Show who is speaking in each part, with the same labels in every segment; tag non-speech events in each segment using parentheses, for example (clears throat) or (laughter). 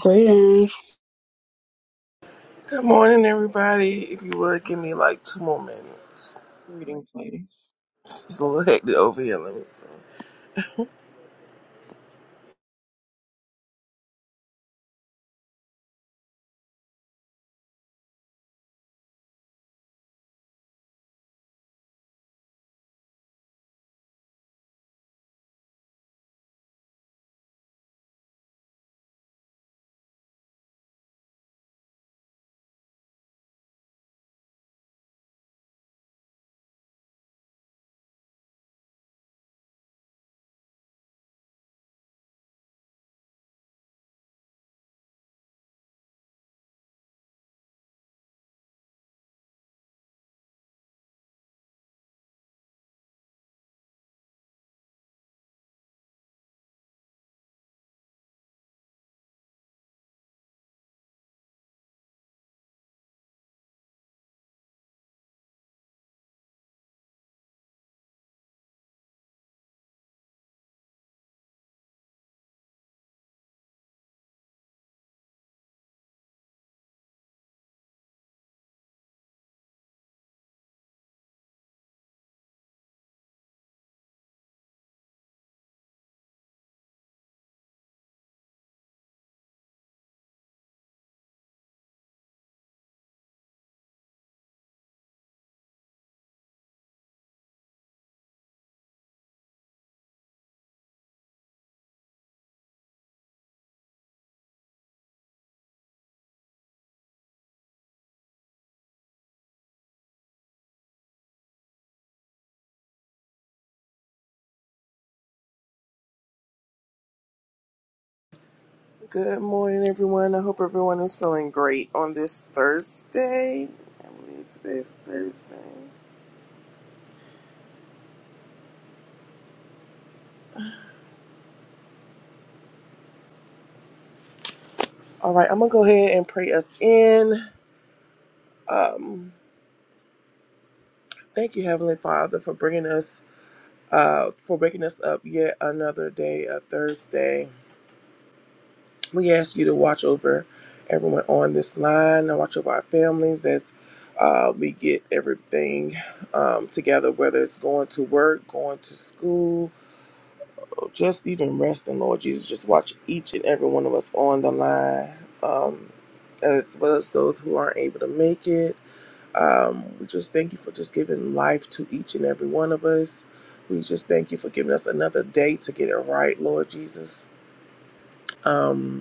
Speaker 1: Greetings.
Speaker 2: Good morning, everybody. If you would give me like two more minutes,
Speaker 3: Greetings, ladies.
Speaker 2: it's a little hectic over here. Let me. See. Good morning, everyone. I hope everyone is feeling great on this Thursday. I believe today's Thursday. All right, I'm gonna go ahead and pray us in. Um, thank you, Heavenly Father, for bringing us, uh, for waking us up yet another day, a Thursday. We ask you to watch over everyone on this line and watch over our families as uh, we get everything um, together, whether it's going to work, going to school, or just even resting, Lord Jesus. Just watch each and every one of us on the line, um, as well as those who aren't able to make it. Um, we just thank you for just giving life to each and every one of us. We just thank you for giving us another day to get it right, Lord Jesus. Um,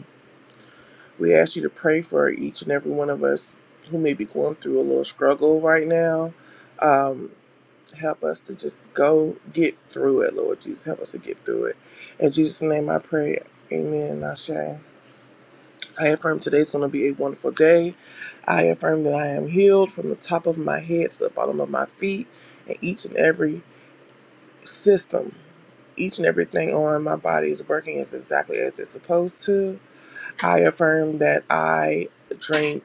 Speaker 2: We ask you to pray for each and every one of us who may be going through a little struggle right now. Um, help us to just go get through it, Lord Jesus. Help us to get through it. In Jesus' name I pray. Amen. Ashe. I affirm today's going to be a wonderful day. I affirm that I am healed from the top of my head to the bottom of my feet, and each and every system, each and everything on my body is working as exactly as it's supposed to. I affirm that I drink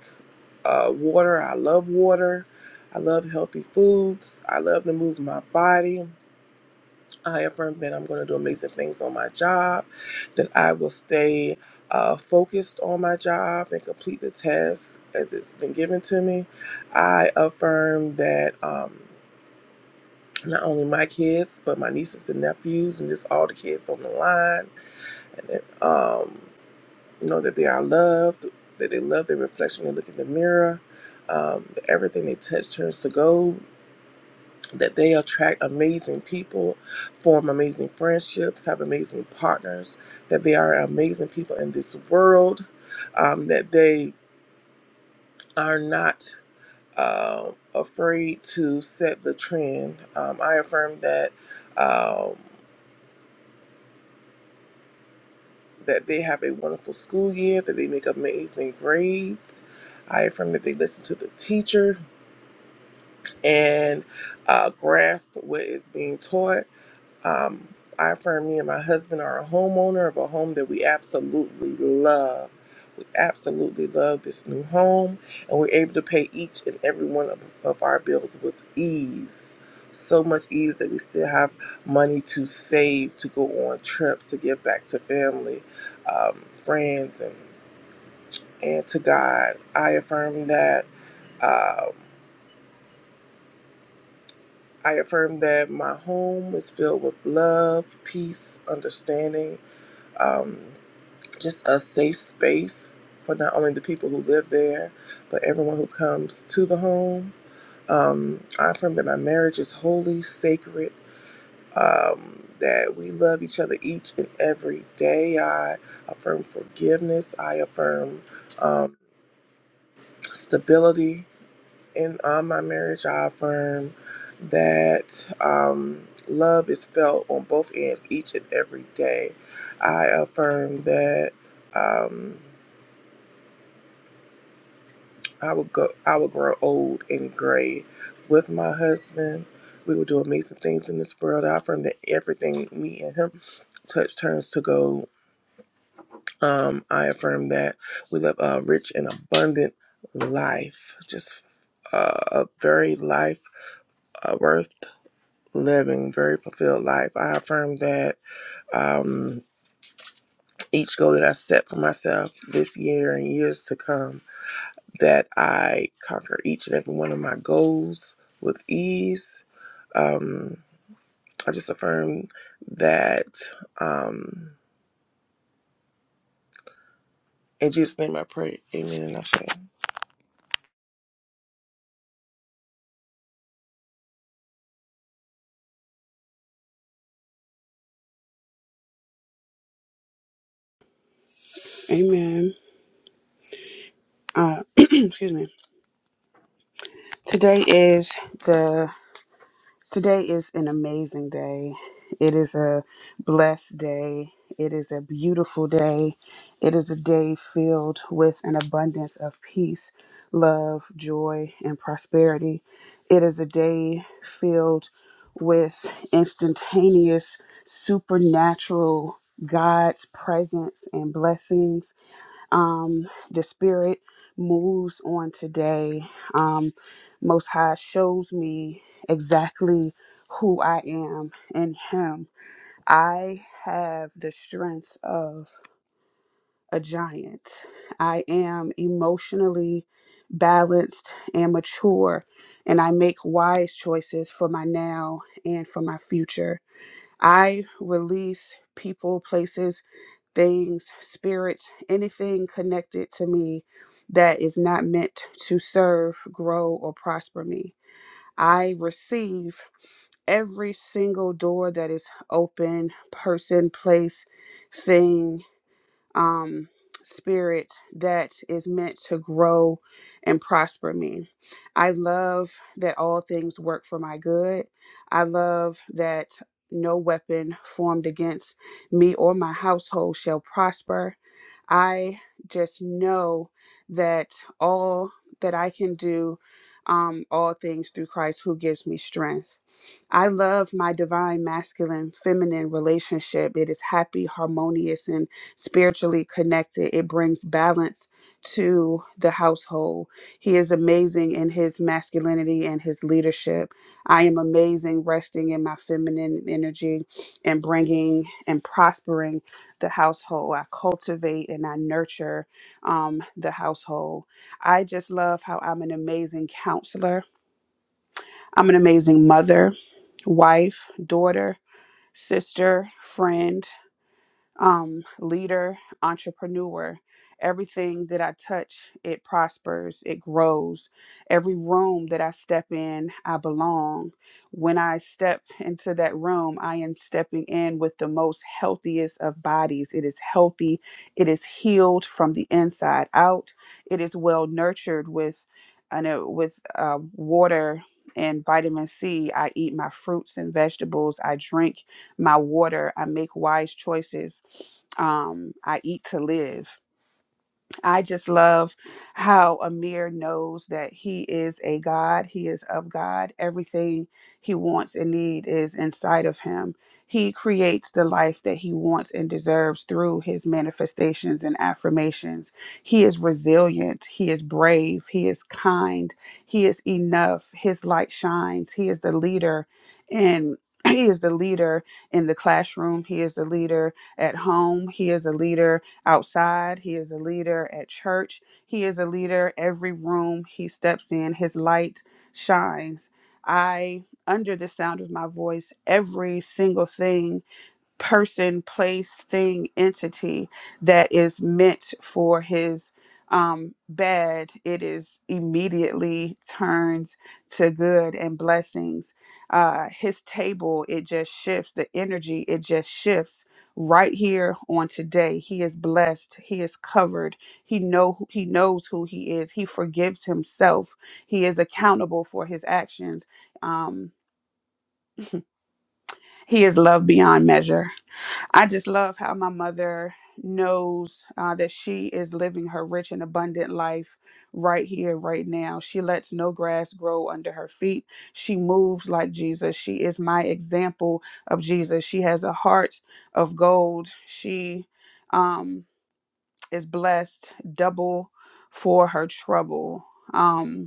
Speaker 2: uh, water. I love water. I love healthy foods. I love to move my body. I affirm that I'm going to do amazing things on my job, that I will stay uh, focused on my job and complete the task as it's been given to me. I affirm that um, not only my kids, but my nieces and nephews, and just all the kids on the line, and that, um, you know that they are loved, that they love their reflection when they look in the mirror. Um, everything they touch turns to gold. That they attract amazing people, form amazing friendships, have amazing partners. That they are amazing people in this world. Um, that they are not uh, afraid to set the trend. Um, I affirm that um, that they have a wonderful school year. That they make amazing grades. I affirm that they listen to the teachers and uh, grasp what is being taught. Um, I affirm me and my husband are a homeowner of a home that we absolutely love. We absolutely love this new home, and we're able to pay each and every one of, of our bills with ease. So much ease that we still have money to save, to go on trips, to give back to family, um, friends, and, and to God. I affirm that. Um, I affirm that my home is filled with love, peace, understanding, um, just a safe space for not only the people who live there, but everyone who comes to the home. Um, I affirm that my marriage is holy, sacred, um, that we love each other each and every day. I affirm forgiveness. I affirm um, stability. in uh, my marriage, I affirm that um, love is felt on both ends each and every day. I affirm that um, I will go. I will grow old and gray with my husband. We will do amazing things in this world. I affirm that everything me and him touch turns to gold. Um, I affirm that we live a rich and abundant life, just uh, a very life uh, worth living very fulfilled life. I affirm that um, each goal that I set for myself this year and years to come, that I conquer each and every one of my goals with ease. Um, I just affirm that. Um, in Jesus' name, I pray. Amen. And I say,
Speaker 1: Amen. Uh, (clears throat) excuse me. Today is the today is an amazing day. It is a blessed day. It is a beautiful day. It is a day filled with an abundance of peace, love, joy, and prosperity. It is a day filled with instantaneous supernatural God's presence and blessings. um, the Spirit moves on today. Um, Most High shows me exactly who I am in Him. I have the strength of a giant. I am emotionally balanced and mature, and I make wise choices for my now and for my future. I release people, places, things, spirits, anything connected to me that is not meant to serve, grow, or prosper me. I receive every single door that is open, person, place, thing um, spirit that is meant to grow and prosper me. I love that all things work for my good. I love that no weapon formed against me or my household shall prosper. I just know that all that I can do, um, all things through Christ who gives me strength. I love my divine masculine feminine relationship. It is happy, harmonious, and spiritually connected. It brings balance to the household. He is amazing in his masculinity and his leadership. I am amazing resting in my feminine energy and bringing and prospering the household. I cultivate and I nurture um, the household. I just love how I'm an amazing counselor, I'm an amazing mother, wife, daughter, sister, friend um, leader, entrepreneur. Everything that I touch, it prospers, it grows. Every room that I step in, I belong. When I step into that room, I am stepping in with the most healthiest of bodies. It is healthy, it is healed from the inside out, it is well nurtured with. I know with uh, water and vitamin C. I eat my fruits and vegetables. I drink my water. I make wise choices. Um, I eat to live. I just love how Amir knows that he is a God. He is of God. Everything he wants and need is inside of him. He creates the life that he wants and deserves through his manifestations and affirmations. He is resilient. He is brave. He is kind. He is enough. His light shines. He is the leader and (clears throat) he is the leader in the classroom. He is the leader at home. He is a leader outside. He is a leader at church. He is a leader every room he steps in. His light shines. I, under the sound of my voice, every single thing person, place, thing, entity that is meant for his um, bad, it is immediately turns to good and blessings. Uh, his table, it just shifts. The energy, it just shifts right here on today he is blessed he is covered he know he knows who he is he forgives himself he is accountable for his actions um (laughs) he is loved beyond measure I just love how my mother knows uh, that she is living her rich and abundant life right here, right now. She lets no grass grow under her feet. She moves like Jesus. She is my example of Jesus. She has a heart of gold. She um, is blessed double for her trouble. Um,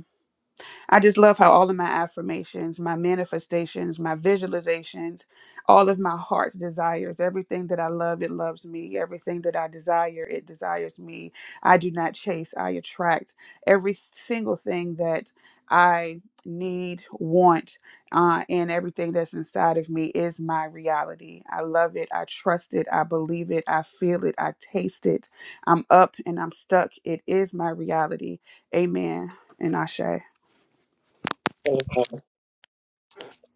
Speaker 1: I just love how all of my affirmations, my manifestations, my visualizations, all of my heart's desires, everything that I love, it loves me. Everything that I desire, it desires me. I do not chase, I attract. Every single thing that I need, want, uh, and everything that's inside of me is my reality. I love it. I trust it. I believe it. I feel it. I taste it. I'm up and I'm stuck. It is my reality. Amen. And Ashe.
Speaker 3: faithful.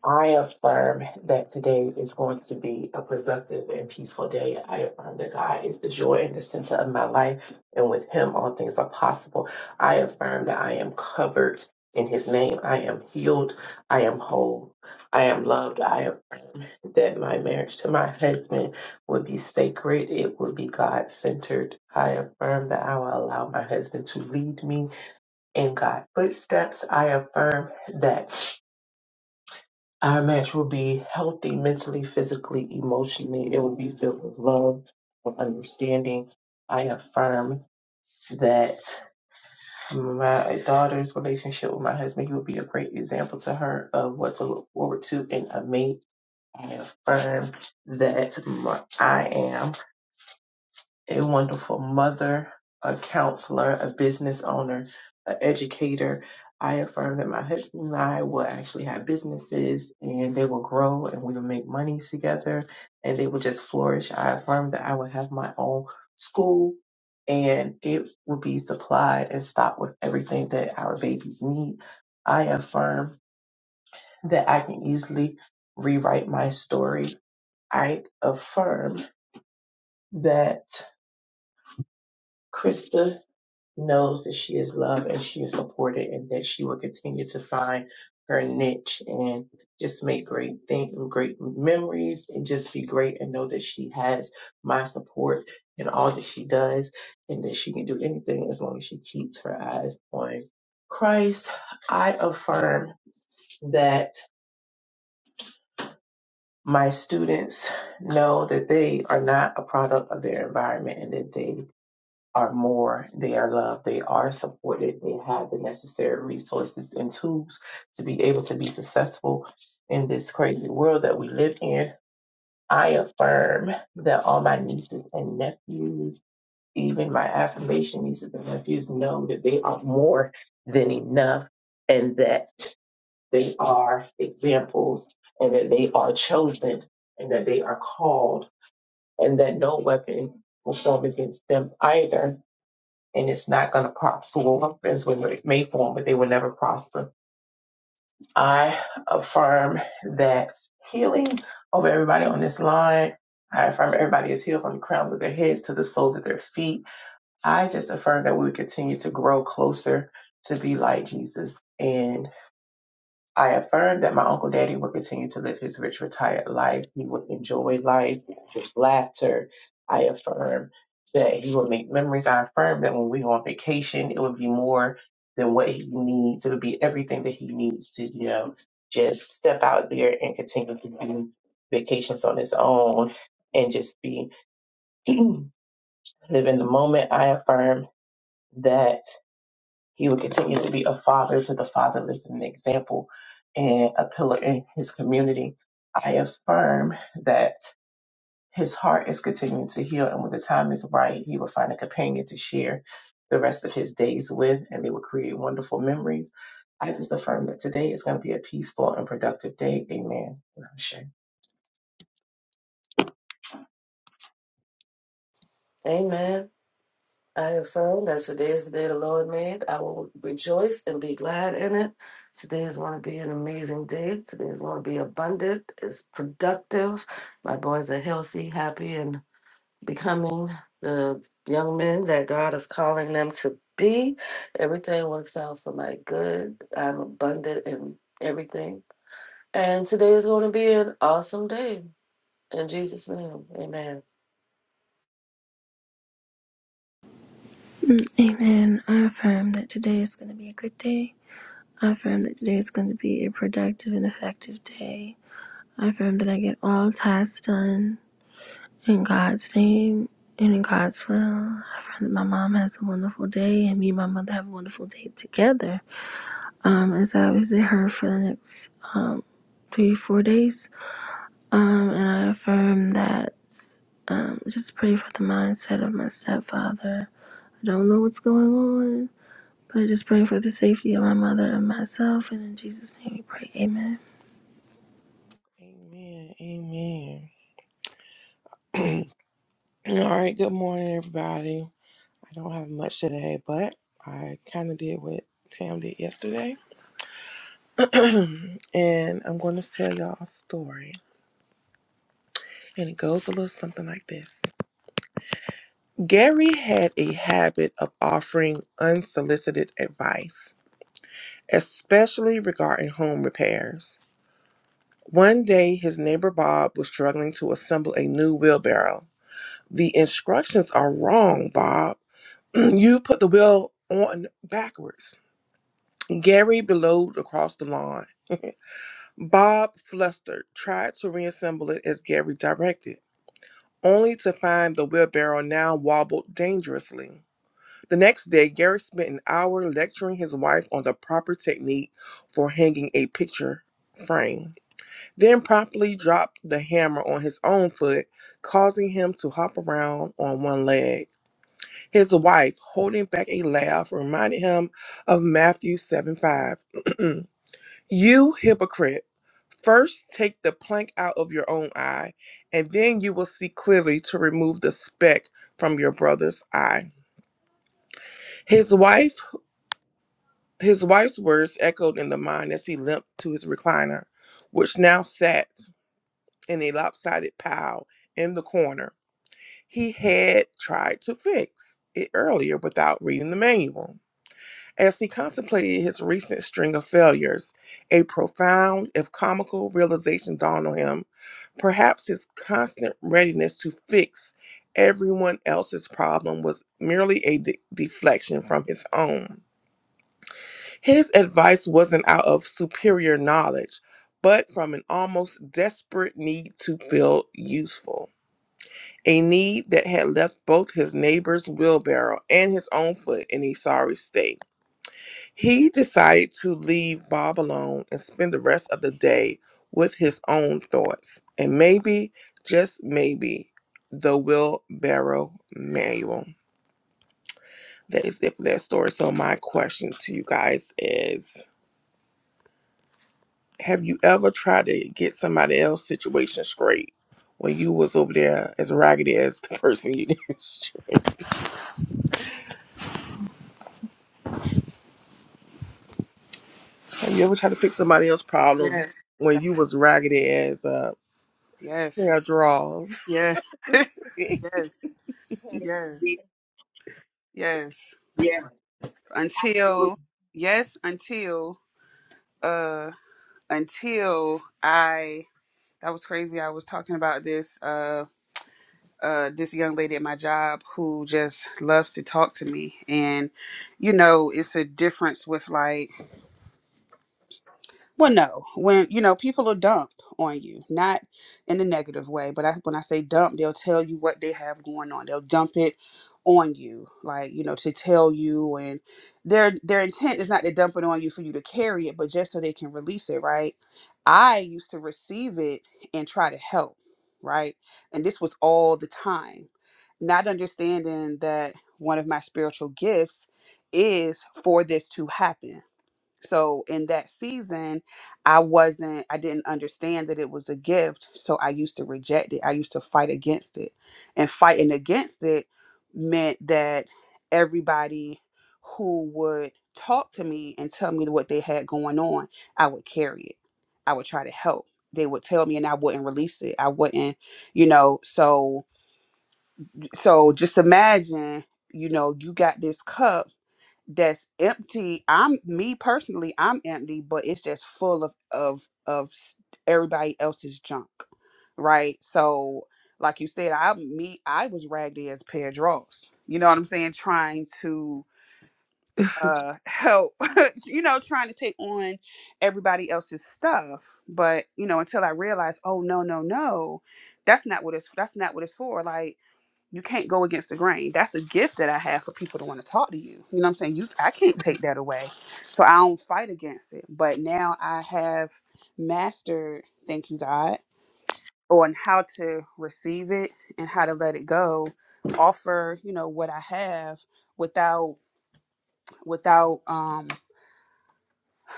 Speaker 3: I affirm that today is going to be a productive and peaceful day. I affirm that God is the joy and the center of my life, and with Him, all things are possible. I affirm that I am covered in His name. I am healed. I am whole. I am loved. I affirm that my marriage to my husband will be sacred. It will be God centered. I affirm that I will allow my husband to lead me. in God's footsteps, I affirm that our match will be healthy mentally, physically, emotionally. It will be filled with love and understanding. I affirm that my daughter's relationship with my husband, he will be a great example to her of what to look forward to in a mate. I affirm that my- I am. a wonderful mother, a counselor, a business owner, an educator. I affirm that my husband and I will actually have businesses and they will grow and we will make money together and they will just flourish. I affirm that I will have my own school and it will be supplied and stocked with everything that our babies need. I affirm that I can easily rewrite my story. I affirm that Krista knows that she is loved and she is supported and that she will continue to find her niche and just make great things great memories and just be great and know that she has my support in all that she does and that she can do anything as long as she keeps her eyes on Christ. I affirm that my students know that they are not a product of their environment and that they are more, they are loved, they are supported, they have the necessary resources and tools to be able to be successful in this crazy world that we live in. I affirm that all my nieces and nephews, even my affirmation nieces and nephews, know that they are more than enough and that they are examples and that they are chosen and that they are called and that no weapon will form against them either and it's not going to prosper. As when it may form, but they will never prosper. I affirm that healing over everybody on this line. I affirm everybody is healed from the crowns of their heads to the soles of their feet. I just affirm that we continue to grow closer to be like Jesus. and. I affirmed that my Uncle Daddy would continue to live his rich, retired life. He would enjoy life just laughter. I affirm that he would make memories. I affirm that when we go on vacation, it would be more than what he needs. It would be everything that he needs to, you know, just step out there and continue to do vacations on his own and just be (clears throat) live in the moment. I affirm that. He would continue to be a father to the fatherless and an example and a pillar in his community. I affirm that his heart is continuing to heal, and when the time is right, he will find a companion to share the rest of his days with, and they will create wonderful memories. I just affirm that today is going to be a peaceful and productive day. Amen. And Ashe.
Speaker 4: Amen. I have found that today is the day the Lord made. I will rejoice and be glad in it. Today is going to be an amazing day. Today is going to be abundant. It's productive. My boys are healthy, happy, and becoming the young men that God is calling them to be. Everything works out for my good. I'm abundant in everything. And today is going to be an awesome day. In Jesus' name, amen.
Speaker 5: Amen. I affirm that today is going to be a good day. I affirm that today is going to be a productive and effective day. I affirm that I get all tasks done in God's name and in God's will. I affirm that my mom has a wonderful day and me and my mother have a wonderful day together. Um, as I visit her for the next um, three, four days. Um, and I affirm that um, just pray for the mindset of my stepfather. I don't know what's going on but I just pray for the safety of my mother and myself. And in Jesus' name we pray. Amen.
Speaker 2: Amen. Amen. All right. Good morning, everybody. I don't have much today, but I kind of did what Tam did yesterday. (clears throat) and I'm going to tell y'all a story. And it goes a little something like this Gary had a habit of offering unsolicited advice, especially regarding home repairs. One day, his neighbor Bob was struggling to assemble a new wheelbarrow. The instructions are wrong, Bob. (clears throat) you put the wheel on backwards. Gary bellowed across the lawn. Bob, flustered, tried to reassemble it as Gary directed. only to find the wheelbarrow now wobbled dangerously. The next day, Garrick spent an hour lecturing his wife on the proper technique for hanging a picture frame, then promptly dropped the hammer on his own foot, causing him to hop around on one leg. His wife, holding back a laugh, reminded him of Matthew 7 5. (clears throat) You hypocrite, first take the plank out of your own eye, and then you will see clearly to remove the speck from your brother's eye. His wife, his wife's words echoed in the mind as he limped to his recliner, which now sat in a lopsided pile in the corner. He had tried to fix it earlier without reading the manual. As he contemplated his recent string of failures, a profound, if comical, realization dawned on him. Perhaps his constant readiness to fix everyone else's problem was merely a de- deflection from his own. His advice wasn't out of superior knowledge, but from an almost desperate need to feel useful. A need that had left both his neighbor's wheelbarrow and his own foot in a sorry state. He decided to leave Bob alone and spend the rest of the day with his own thoughts. And maybe, just maybe, the wheelbarrow manual. That is it for that story. So, my question to you guys is Have you ever tried to get somebody else's situation straight when you was over there as raggedy as the person you did? (laughs) Have you ever tried to fix somebody else's problem
Speaker 1: Yes.
Speaker 2: when you was raggedy as a pair
Speaker 1: Yes.
Speaker 2: of drawers?
Speaker 1: Yes. (laughs)
Speaker 2: (laughs) Me.
Speaker 1: yes.
Speaker 3: Yeah,
Speaker 1: Yes. Yes.
Speaker 3: yeah, absolutely.
Speaker 1: Until yes, until uh until I that was crazy. I was talking about this uh uh this young lady at my job who just loves to talk to me and you know, it's a difference with like Well, no, when you know people are dump on you, not in a negative way, but I, when I say dump, they'll tell you what they have going on. They'll dump it on you, like you know, to tell you, and their their intent is not to dump it on you for you to carry it, but just so they can release it, right? I used to receive it and try to help, right? And this was all the time, not understanding that one of my spiritual gifts is for this to happen so in that season, I wasn't, I didn't understand that it was a gift. So I used to reject it. I used to fight against it. And fighting against it meant that everybody who would talk to me and tell me what they had going on, I would carry it. I would try to help. They would tell me and I wouldn't release it. I wouldn't, you know, so so just imagine, you know, you got this cup that's empty i'm me personally i'm empty but it's just full of of of s- everybody else's junk right so like you said i me i was raggedy as a pair of drawers you know what i'm saying trying to uh help (laughs) you know trying to take on everybody else's stuff but you know until i realized oh no no no that's not what it's that's not what it's for like you can't go against the grain. That's a gift that I have for people to want to talk to you. You know what I'm saying? You I can't take that away. So I don't fight against it. But now I have mastered, thank you God, on how to receive it and how to let it go, offer, you know, what I have without without um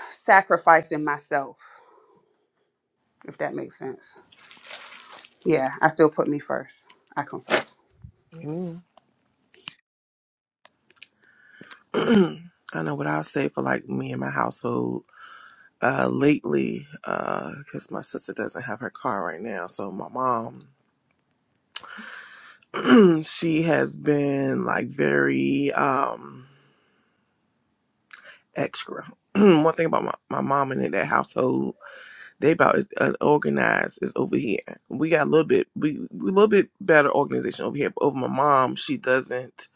Speaker 1: sacrificing myself, if that makes sense. Yeah, I still put me first. I confess.
Speaker 2: (clears throat) I know what I'll say for like me and my household uh, lately, because my sister doesn't have her car right now. So my mom, (clears throat) she has been like very um, extra. (clears throat) One thing about my, my mom and in that household, they about as unorganized as over here. We got a little bit, we we a little bit better organization over here. But over my mom, she doesn't.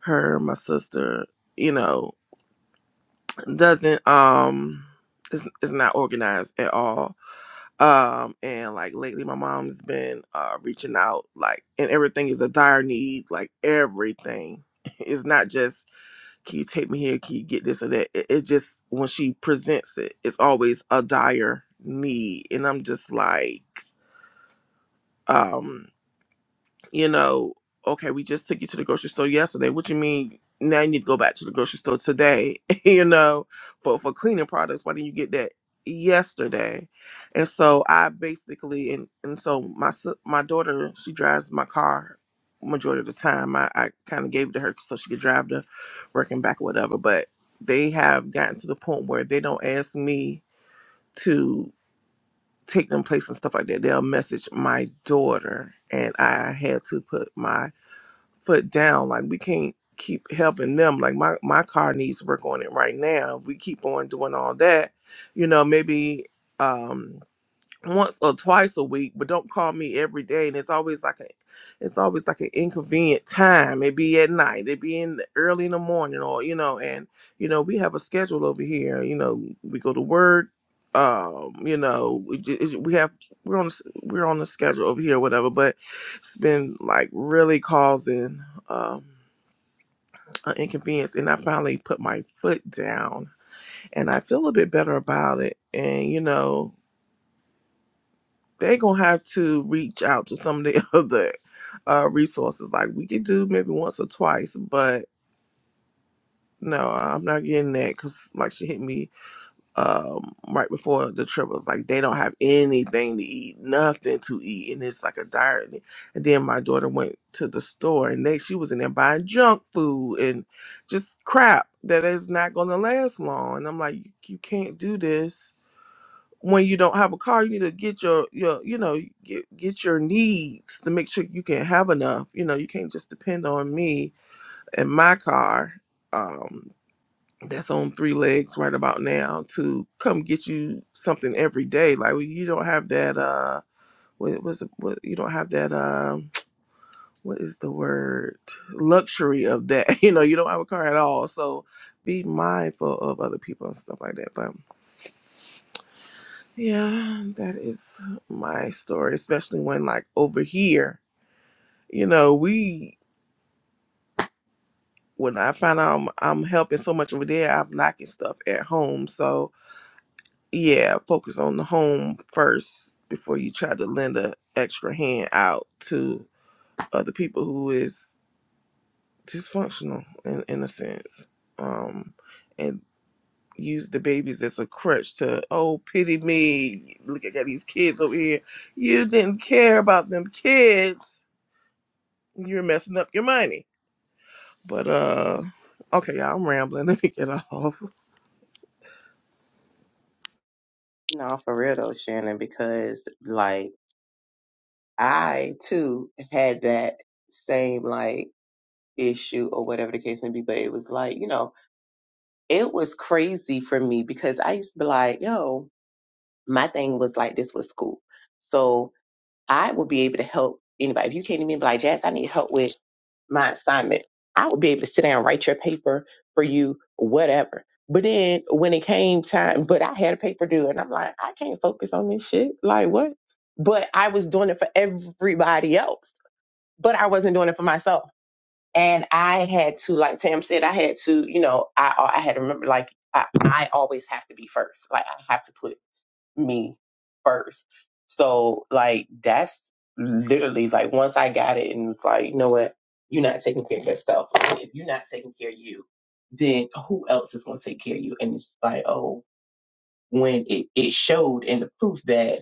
Speaker 2: Her, my sister, you know, doesn't um, is is not organized at all Um, and like lately, my mom's been uh reaching out, like, and everything is a dire need, like everything. (laughs) It's not just can you take me here, can you get this or that. It, it just when she presents it, it's always a dire need, and I'm just like, um you know, okay, we just took you to the grocery store yesterday. What you mean now you need to go back to the grocery store today, (laughs) you know, for, for cleaning products. Why didn't you get that yesterday? And so I basically and, and so my s- my daughter, she drives my car majority of the time. I, I kind of gave it to her so she could drive to work and back or whatever. But they have gotten to the point where they don't ask me to take them place and stuff like that. They'll message my daughter and I had to put my foot down. Like we can't keep helping them. Like my my car needs work on it right now. If we keep on doing all that, you know, maybe um once or twice a week, but don't call me every day. And it's always like a, it's always like an inconvenient time. It be at night, it be in the, early in the morning, or you know, and you know we have a schedule over here. You know, we go to work. Um, you know, we, ju- we have we're on a s- we're on the schedule over here, whatever. But it's been like really causing um an inconvenience, and I finally put my foot down, and I feel a bit better about it. And you know. they're gonna have to reach out to some of the (laughs) other uh, resources. Like we could do maybe once or twice, but no, I'm not getting that because like she hit me um, right before the trip. It was like they don't have anything to eat, nothing to eat, and it's like a diet. And then my daughter went to the store, and they she was in there buying junk food and just crap that is not gonna last long. And I'm like, you, you can't do this when you don't have a car, you need to get your your you know get get your needs to make sure you can have enough. You know, you can't just depend on me and my car um, that's on three legs right about now to come get you something every day. Like well, you don't have that. Uh, what was what you don't have that. Um, (tsk) what is the word? Luxury of that. (laughs) You know, you don't have a car at all. So be mindful of other people and stuff like that. But Yeah, that is my story, especially when like over here, you know, we when I find out I'm, I'm helping so much over there, I'm lacking stuff at home. So yeah, focus on the home first before you try to lend a extra hand out to other people who is dysfunctional in, in a sense. Um and use the babies as a crutch to oh pity me look i got these kids over here you didn't care about them kids You're messing up your money. But uh okay, y'all, I'm rambling. (laughs) Let me get off.
Speaker 3: No, for real though, Shannon, because I too had that same like issue or whatever the case may be, but it was like, you know, it was crazy for me because I used to be like, yo, my thing was like this was school. So I would be able to help anybody. If you came to me and be like, Jazz, I need help with my assignment, I would be able to sit down and write your paper for you, whatever. But then when it came time, but I had a paper due and I'm like, I can't focus on this shit. Like what? But I was doing it for everybody else but I wasn't doing it for myself. And I had to, like Tam said, I had to, you know, I uh, I had to remember, like I, I always have to be first. Like I have to put me first. So like that's literally like once I got it and was like, you know what, you're not taking care of yourself. If you're not taking care of you, then who else is going to take care of you? And it's like, oh, when it it showed in the proof that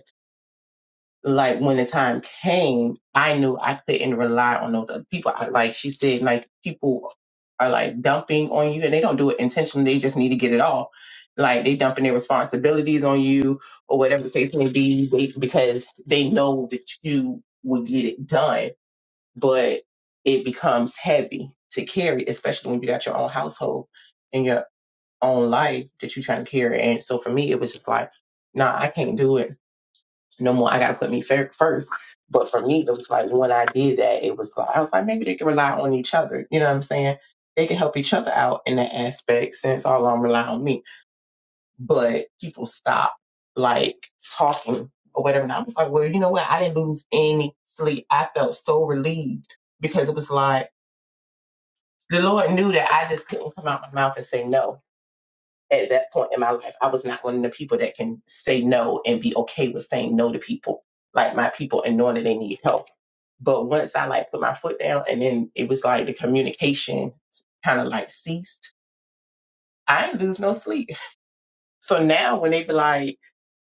Speaker 3: like when the time came, I knew I couldn't rely on those other people. I, like she said, like people are like dumping on you and they don't do it intentionally. They just need to get it off. Like they dumping their responsibilities on you or whatever the case may be they, because they know that you will get it done, but it becomes heavy to carry, especially when you got your own household and your own life that you're trying to carry. And so for me, it was just like, nah, I can't do it no more. I got to put me fir- first. But for me, it was like when I did that, it was like I was like maybe they can rely on each other. You know what I'm saying? They can help each other out in that aspect since all of them rely on me. But people stop like talking or whatever. And I was like, well, you know what? I didn't lose any sleep. I felt so relieved because it was like the Lord knew that I just couldn't come out my mouth and say no at that point in my life, I was not one of the people that can say no and be okay with saying no to people, like my people, and knowing that they need help. But once I like put my foot down, and then it was like the communication kind of like ceased. I ain't lose no sleep. (laughs) So now when they be like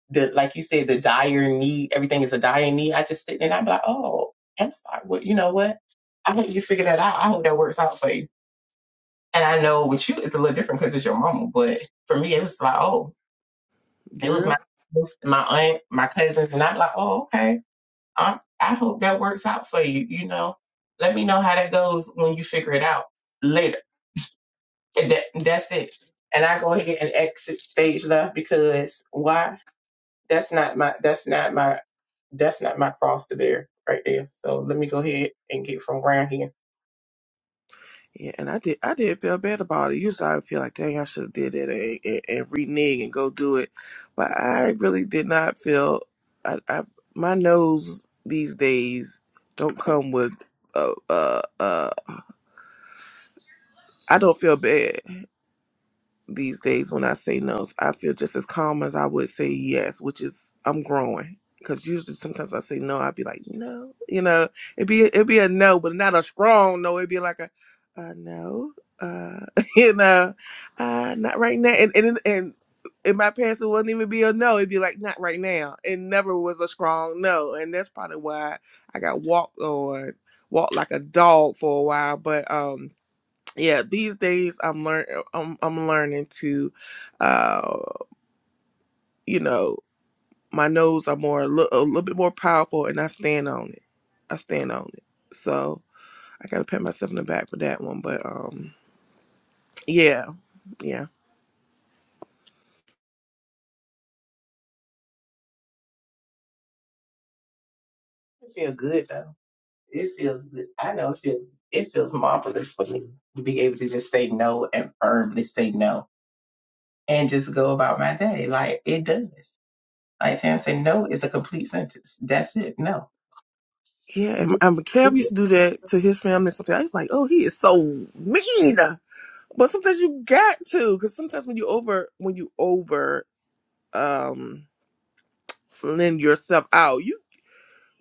Speaker 3: the like you said the dire need, everything is a dire need. I just sit there and I be like, oh, I'm sorry. What you know what? I hope you figure that out. I hope that works out for you. And I know with you it's a little different because it's your mama, but for me it was like, oh It was
Speaker 2: Girl.
Speaker 3: my my aunt, my cousin, and I'm like, oh okay. I I hope that works out for you. You know, let me know how that goes when you figure it out later. And that that's it. And I go ahead and exit stage left because why? That's not my that's not my that's not my cross to bear right there. So let me go ahead and get from around here.
Speaker 2: Yeah, and I did I did feel bad about it. Usually I would feel like dang I should have did that and, and, and renege and go do it. But I really did not feel I, I my nose these days don't come with uh uh uh I don't feel bad. these days when I say no, I feel just as calm as I would say yes, which is I'm growing. Cause usually sometimes I say no, I'd be like no, you know, it'd be it'd be a no, but not a strong no. It'd be like a uh, no, uh, (laughs) you know, uh, not right now. And and and in my past, it wouldn't even be a no. It'd be like not right now. It never was a strong no, and that's probably why I got walked on, walked like a dog for a while. But um yeah these days i'm learn i'm, I'm learning to uh you know my nose are more a little, a little bit more powerful and i stand on it i stand on it so i gotta pat myself in the back for that one but um yeah yeah
Speaker 3: It feels good though. It feels good. I know it feels it feels marvelous for me to be able to just say no and firmly say no and just go about my day. Like it does. Like Tam said, no is a complete sentence. That's it. No.
Speaker 2: yeah and,
Speaker 3: It,
Speaker 2: and Kev used to do that to his family sometimes i was like oh he is so mean but sometimes you got to because sometimes when you over when you over um lend yourself out. You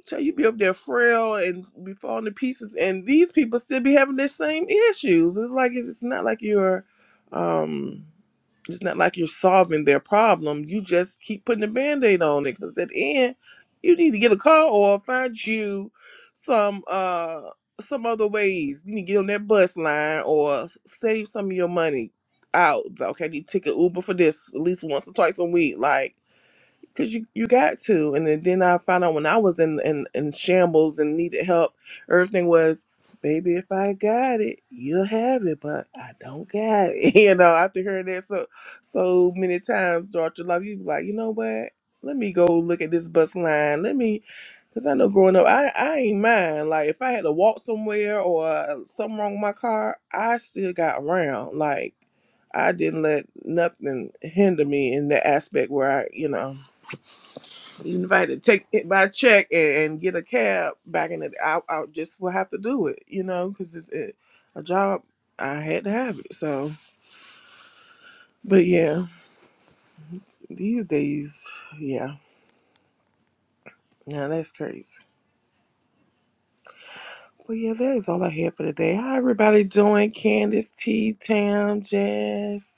Speaker 2: So you be up there frail and be falling to pieces, and these people still be having the same issues. It's like it's, it's not like you're, um, it's not like you're solving their problem. You just keep putting a band-aid on it because at the end, you need to get a car or find you some uh some other ways. You need to get on that bus line or save some of your money out. Like, Okay, I need to take an Uber for this at least once or twice a week. Like Cause you, you got to, and then then I found out when I was in, in in shambles and needed help, everything was, baby, if I got it, you'll have it, but I don't got it. (laughs) You know, after hearing that so so many times throughout your life, you be like, you know what? Let me go look at this bus line. Let me, cause I know growing up, I I ain't mind. Like if I had to walk somewhere or something wrong with my car, I still got around. Like I didn't let nothing hinder me in the aspect where I, you know. You invited to take my check and, and get a cab back in the I, I just will have to do it, you know, because it's it, a job. I had to have it. So, but yeah, these days, yeah, now that's crazy. But yeah, that is all I had for today. How everybody doing? Candace, T, Tam, Jazz.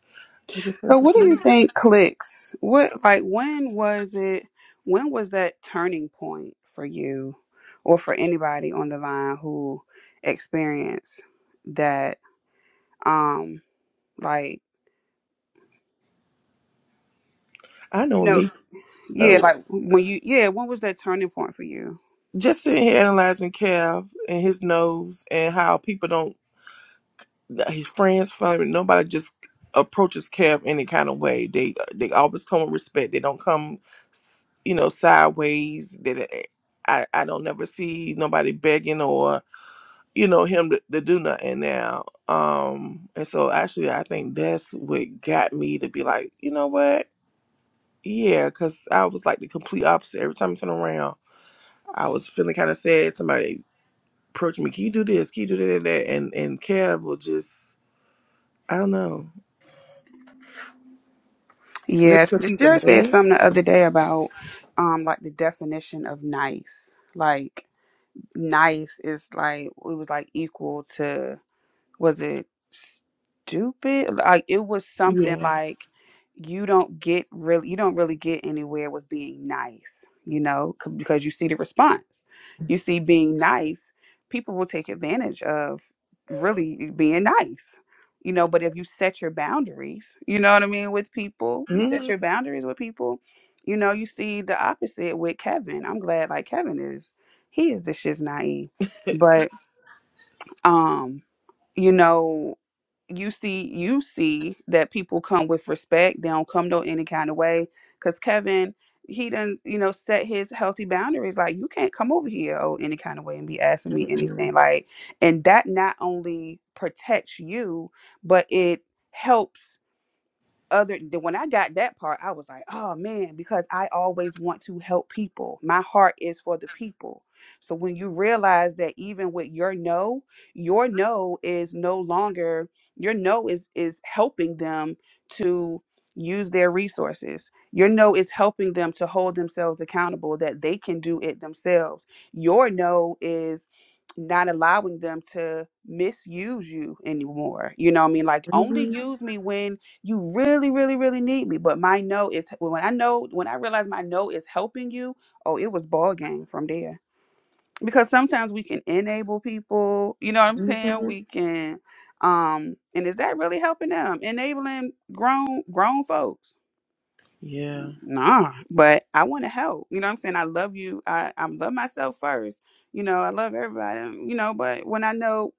Speaker 2: I just
Speaker 1: So
Speaker 2: heard
Speaker 1: what do
Speaker 2: from
Speaker 1: you
Speaker 2: Jazz.
Speaker 1: think clicks? What like when was it when was that turning point for you or for anybody on the line who experienced that um like
Speaker 2: I
Speaker 1: you
Speaker 2: know
Speaker 1: know
Speaker 2: me.
Speaker 1: yeah
Speaker 2: Oh,
Speaker 1: like when you yeah when was that turning point for you?
Speaker 2: just sitting here analyzing Kev and his nose and how people don't. his friends, family, nobody just approaches Kev any kind of way. They uh, they always come with respect. They don't come, s- you know, sideways. That I I don't never see nobody begging or you know him to, to do nothing now. Um, and so actually, I think that's what got me to be like, you know what? Yeah, because I was like the complete opposite. Every time I turn around, I was feeling kind of sad. Somebody approached me, can you do this? Can you do that? And that? And and Kev will just I don't know Just
Speaker 1: Yes,
Speaker 2: Because he's a
Speaker 1: Deshara said
Speaker 2: man?
Speaker 1: something the other day about um like the definition of nice. Like nice is like it was like equal to was it stupid? Like it was something
Speaker 2: Yeah.
Speaker 1: like you don't get really you don't really get anywhere with being nice, you know, c- because you see the response. You see being nice, people will take advantage of really being nice. You know, but if you set your boundaries, you know what I mean, with people, you set
Speaker 2: Mm-mm.
Speaker 1: your boundaries with people, you know, you see the opposite with Kevin. I'm glad like Kevin is he is the shiz naive. But um, you know, you see you see that people come with respect they don't come no any kind of way because kevin he done you know set his healthy boundaries like you can't come over here oh any kind of way and be asking me anything
Speaker 2: Mm-hmm.
Speaker 1: like and that not only protects you but it helps other th- when I got that part, I was like, oh man, because I always want to help people. My heart is for the people. So when you realize that even with your no, your no is no longer your no is is helping them to use their resources. Your no is helping them to hold themselves accountable that they can do it themselves. Your no is not allowing them to misuse you anymore. You know what I mean? Like only
Speaker 2: Mm-hmm.
Speaker 1: use me when you really really really need me but my no is when i know when i realize my no is helping you oh it was ball game from there because sometimes we can enable people you know what i'm saying
Speaker 2: hmm
Speaker 1: we can um and is that really helping them enabling grown grown folks
Speaker 2: Yeah.
Speaker 1: nah but i want to help you know what i'm saying i love you i i love myself first you know i love everybody you know but when i know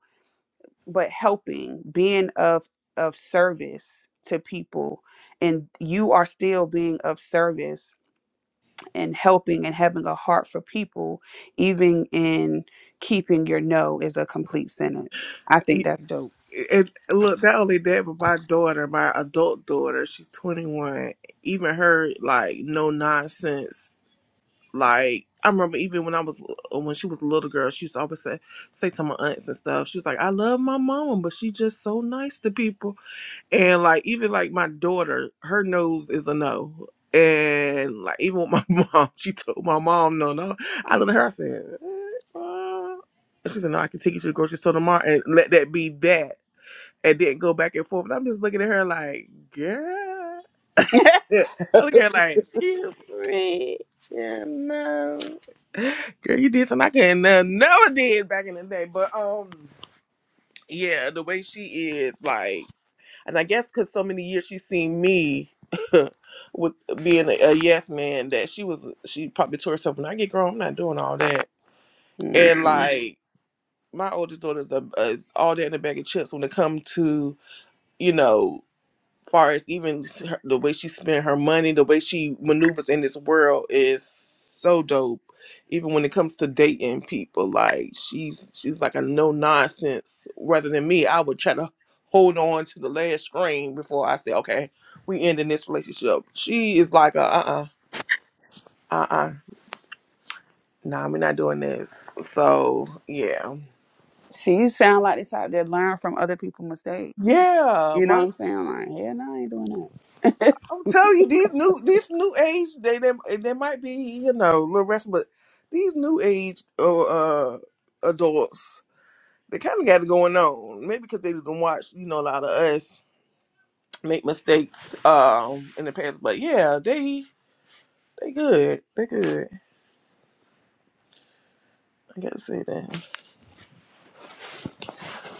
Speaker 1: but helping, being of of service to people and you are still being of service and helping and having a heart for people even in keeping your no is a complete sentence. I think
Speaker 2: Y-
Speaker 1: that's dope.
Speaker 2: And look, not only that, but my daughter, my adult daughter, she's 21. Even her, like, no nonsense. Like, I remember even when I was, when she was a little girl, she used to always say, say to my aunts and stuff, she was like, I love my mama, but she just so nice to people. And like even like my daughter, her nose is a no. And like even with my (laughs) mom, she told my mom no, no. I looked at her, I said, eh, uh. And she said, No, I can take you to the grocery store tomorrow and let that be that. And then go back and forth. And I'm just looking at her like, girl. (laughs)
Speaker 1: (laughs)
Speaker 2: Yeah. I look at her like, excuse me. Yeah, no. Girl, you did something I couldn't uh, never did back in the day. But um, yeah, the way she is, like and I guess because so many years she's seen me (laughs) with being a, a yes man that she was she probably told herself when I get grown I'm not doing all that and
Speaker 1: Hmm.
Speaker 2: like my oldest daughter is, the, is all that in a bag of chips when it comes to you know far as even her- the way she spent her money, the way she maneuvers in this world is so dope. Even when it comes to dating people, like she's she's like a no nonsense. Rather than me, I would try to hold on to the last string before I say, okay, we ending this relationship. She is like a uh uh uh uh nah, we're not doing this. So yeah,
Speaker 1: She you sound like the type that learn from other people's mistakes.
Speaker 2: yeah.
Speaker 1: You
Speaker 2: my.
Speaker 1: know what I'm saying? Like, hell no, I ain't doing that.
Speaker 2: I'm telling you, these new these new age they they, they might be you know a little rest, but these new age uh, uh adults they kind of got it going on. Maybe because they didn't watch you know a lot of us make mistakes um in the past, but yeah, they they good, they good. I gotta say that.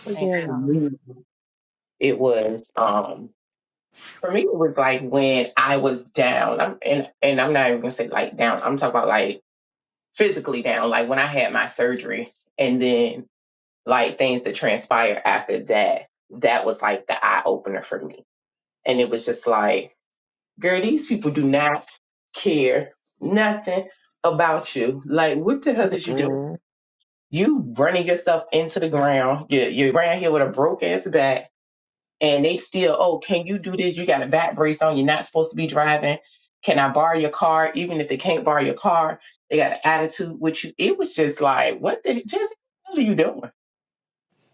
Speaker 2: But
Speaker 3: and
Speaker 2: yeah,
Speaker 3: for
Speaker 2: y'all.
Speaker 3: me, it was um for me it was like when I was down. I'm and and I'm not even gonna say like down. I'm talking about like physically down. Like when I had my surgery and then like things that transpired after that, that was like the eye opener for me. And it was just like Girl, these people do not care nothing about you. Like, what the hell is you doing?
Speaker 2: Mm-mm.
Speaker 3: You running yourself into the ground. You're, you're around here with a broke ass back, and they still, oh, can you do this? You got a back brace on. You're not supposed to be driving. Can I borrow your car? Even if they can't borrow your car, they got an attitude with you. It was just like, what the just what are you doing?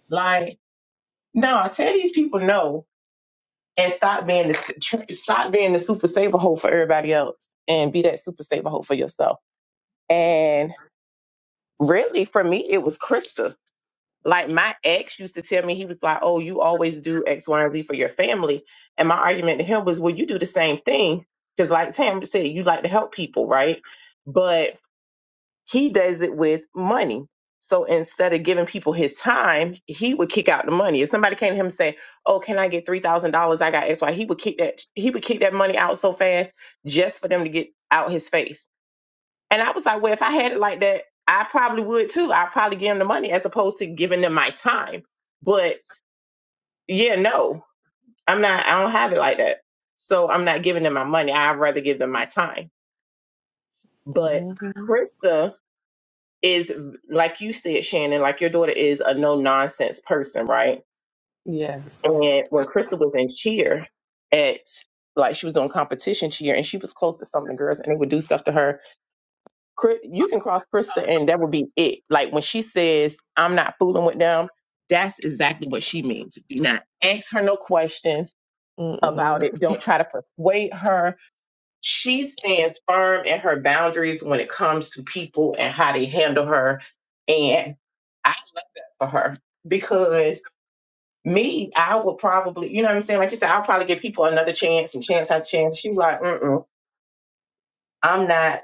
Speaker 3: Like, no, tell these people no and stop being the stop being the super saver hole for everybody else and be that super saver hole for yourself. And really, for me, it was Krista. Like my ex used to tell me, he was like, "Oh, you always do X, Y, and Z for your family." And my argument to him was, "Well, you do the same thing because, like Tam said, you like to help people, right?" But he does it with money. So instead of giving people his time, he would kick out the money. If somebody came to him and say, "Oh, can I get three thousand dollars? I got X Y," he would kick that he would kick that money out so fast just for them to get out his face. And I was like, well, if I had it like that, I probably would too. I'd probably give them the money as opposed to giving them my time. But yeah, no, I'm not. I don't have it like that. So I'm not giving them my money. I'd rather give them my time. But
Speaker 2: Mm-hmm.
Speaker 3: Krista is like you said, Shannon, like your daughter is a no nonsense person, right?
Speaker 2: Yes.
Speaker 3: And when Crystal was in cheer at like she was doing competition cheer and she was close to some of the girls and they would do stuff to her. Chris, you can cross Crystal, and that would be it. Like when she says, I'm not fooling with them, that's exactly what she means. Do not ask her no questions
Speaker 2: Mm-mm.
Speaker 3: about it. Don't try to persuade her she stands firm in her boundaries when it comes to people and how they handle her. And I love that for her because me, I would probably, you know what I'm saying? Like you said, I'll probably give people another chance and chance after chance. She like, mm-mm, I'm not.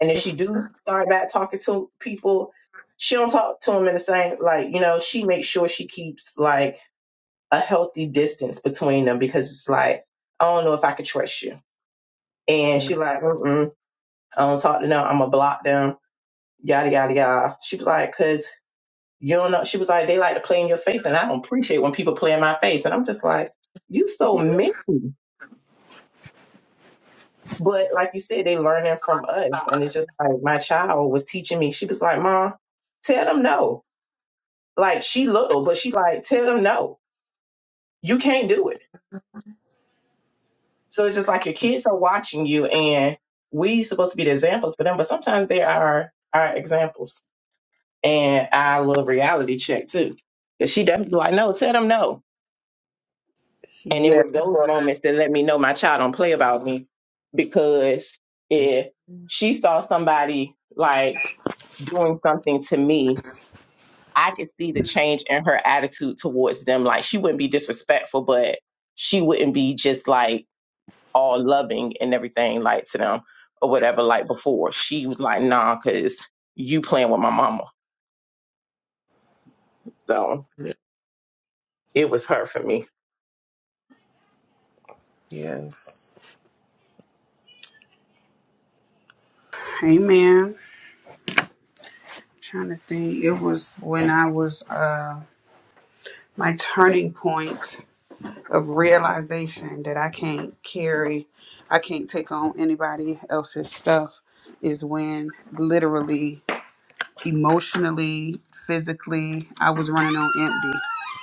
Speaker 3: And if she do start back talking to people, she don't talk to them in the same, like, you know, she makes sure she keeps like a healthy distance between them because it's like, I don't know if I could trust you. And she
Speaker 2: Mm.
Speaker 3: like, mm-mm. I don't talk to them. I'm gonna block them. Yada yada yada. She was like, cause you don't know. She was like, they like to play in your face, and I don't appreciate when people play in my face. And I'm just like, you so
Speaker 2: (laughs)
Speaker 3: mean. But like you said, they learning from us, and it's just like my child was teaching me. She was like, Mom, tell them no. Like she little, but she like tell them no. You can't do it. So it's just like your kids are watching you, and we supposed to be the examples for them, but sometimes they are our examples. And I love reality check too. Cause she definitely like, no, tell them no. And it
Speaker 2: yeah.
Speaker 3: was those moments that let me know my child don't play about me because
Speaker 2: Mm.
Speaker 3: if she saw somebody like doing something to me, I could see the change in her attitude towards them. Like she wouldn't be disrespectful, but she wouldn't be just like all loving and everything like to them or whatever like before. She was like, nah, cause you playing with my mama. So it was her for me.
Speaker 2: Yes.
Speaker 1: (laughs) hey man, trying to think. It was when I was uh my turning point of realization that I can't carry, I can't take on anybody else's stuff is when literally emotionally, physically, I was running on empty.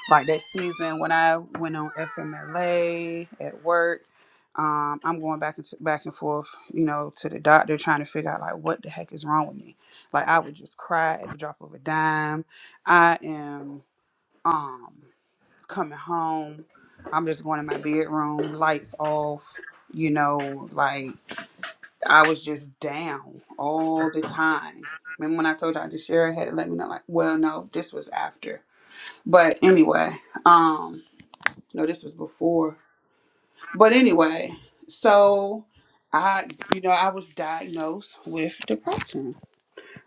Speaker 1: Like that season when I went on FMLA at work, um, I'm going back and back and forth, you know, to the doctor trying to figure out like what the heck is wrong with me. Like I would just cry at the drop of a dime. I am um coming home. I'm just going in my bedroom, lights off, you know, like I was just down all the time. Remember when I told y'all the sheriff had to let me know? Like, well, no, this was after. But anyway, um, no, this was before. But anyway, so I, you know, I was diagnosed with depression,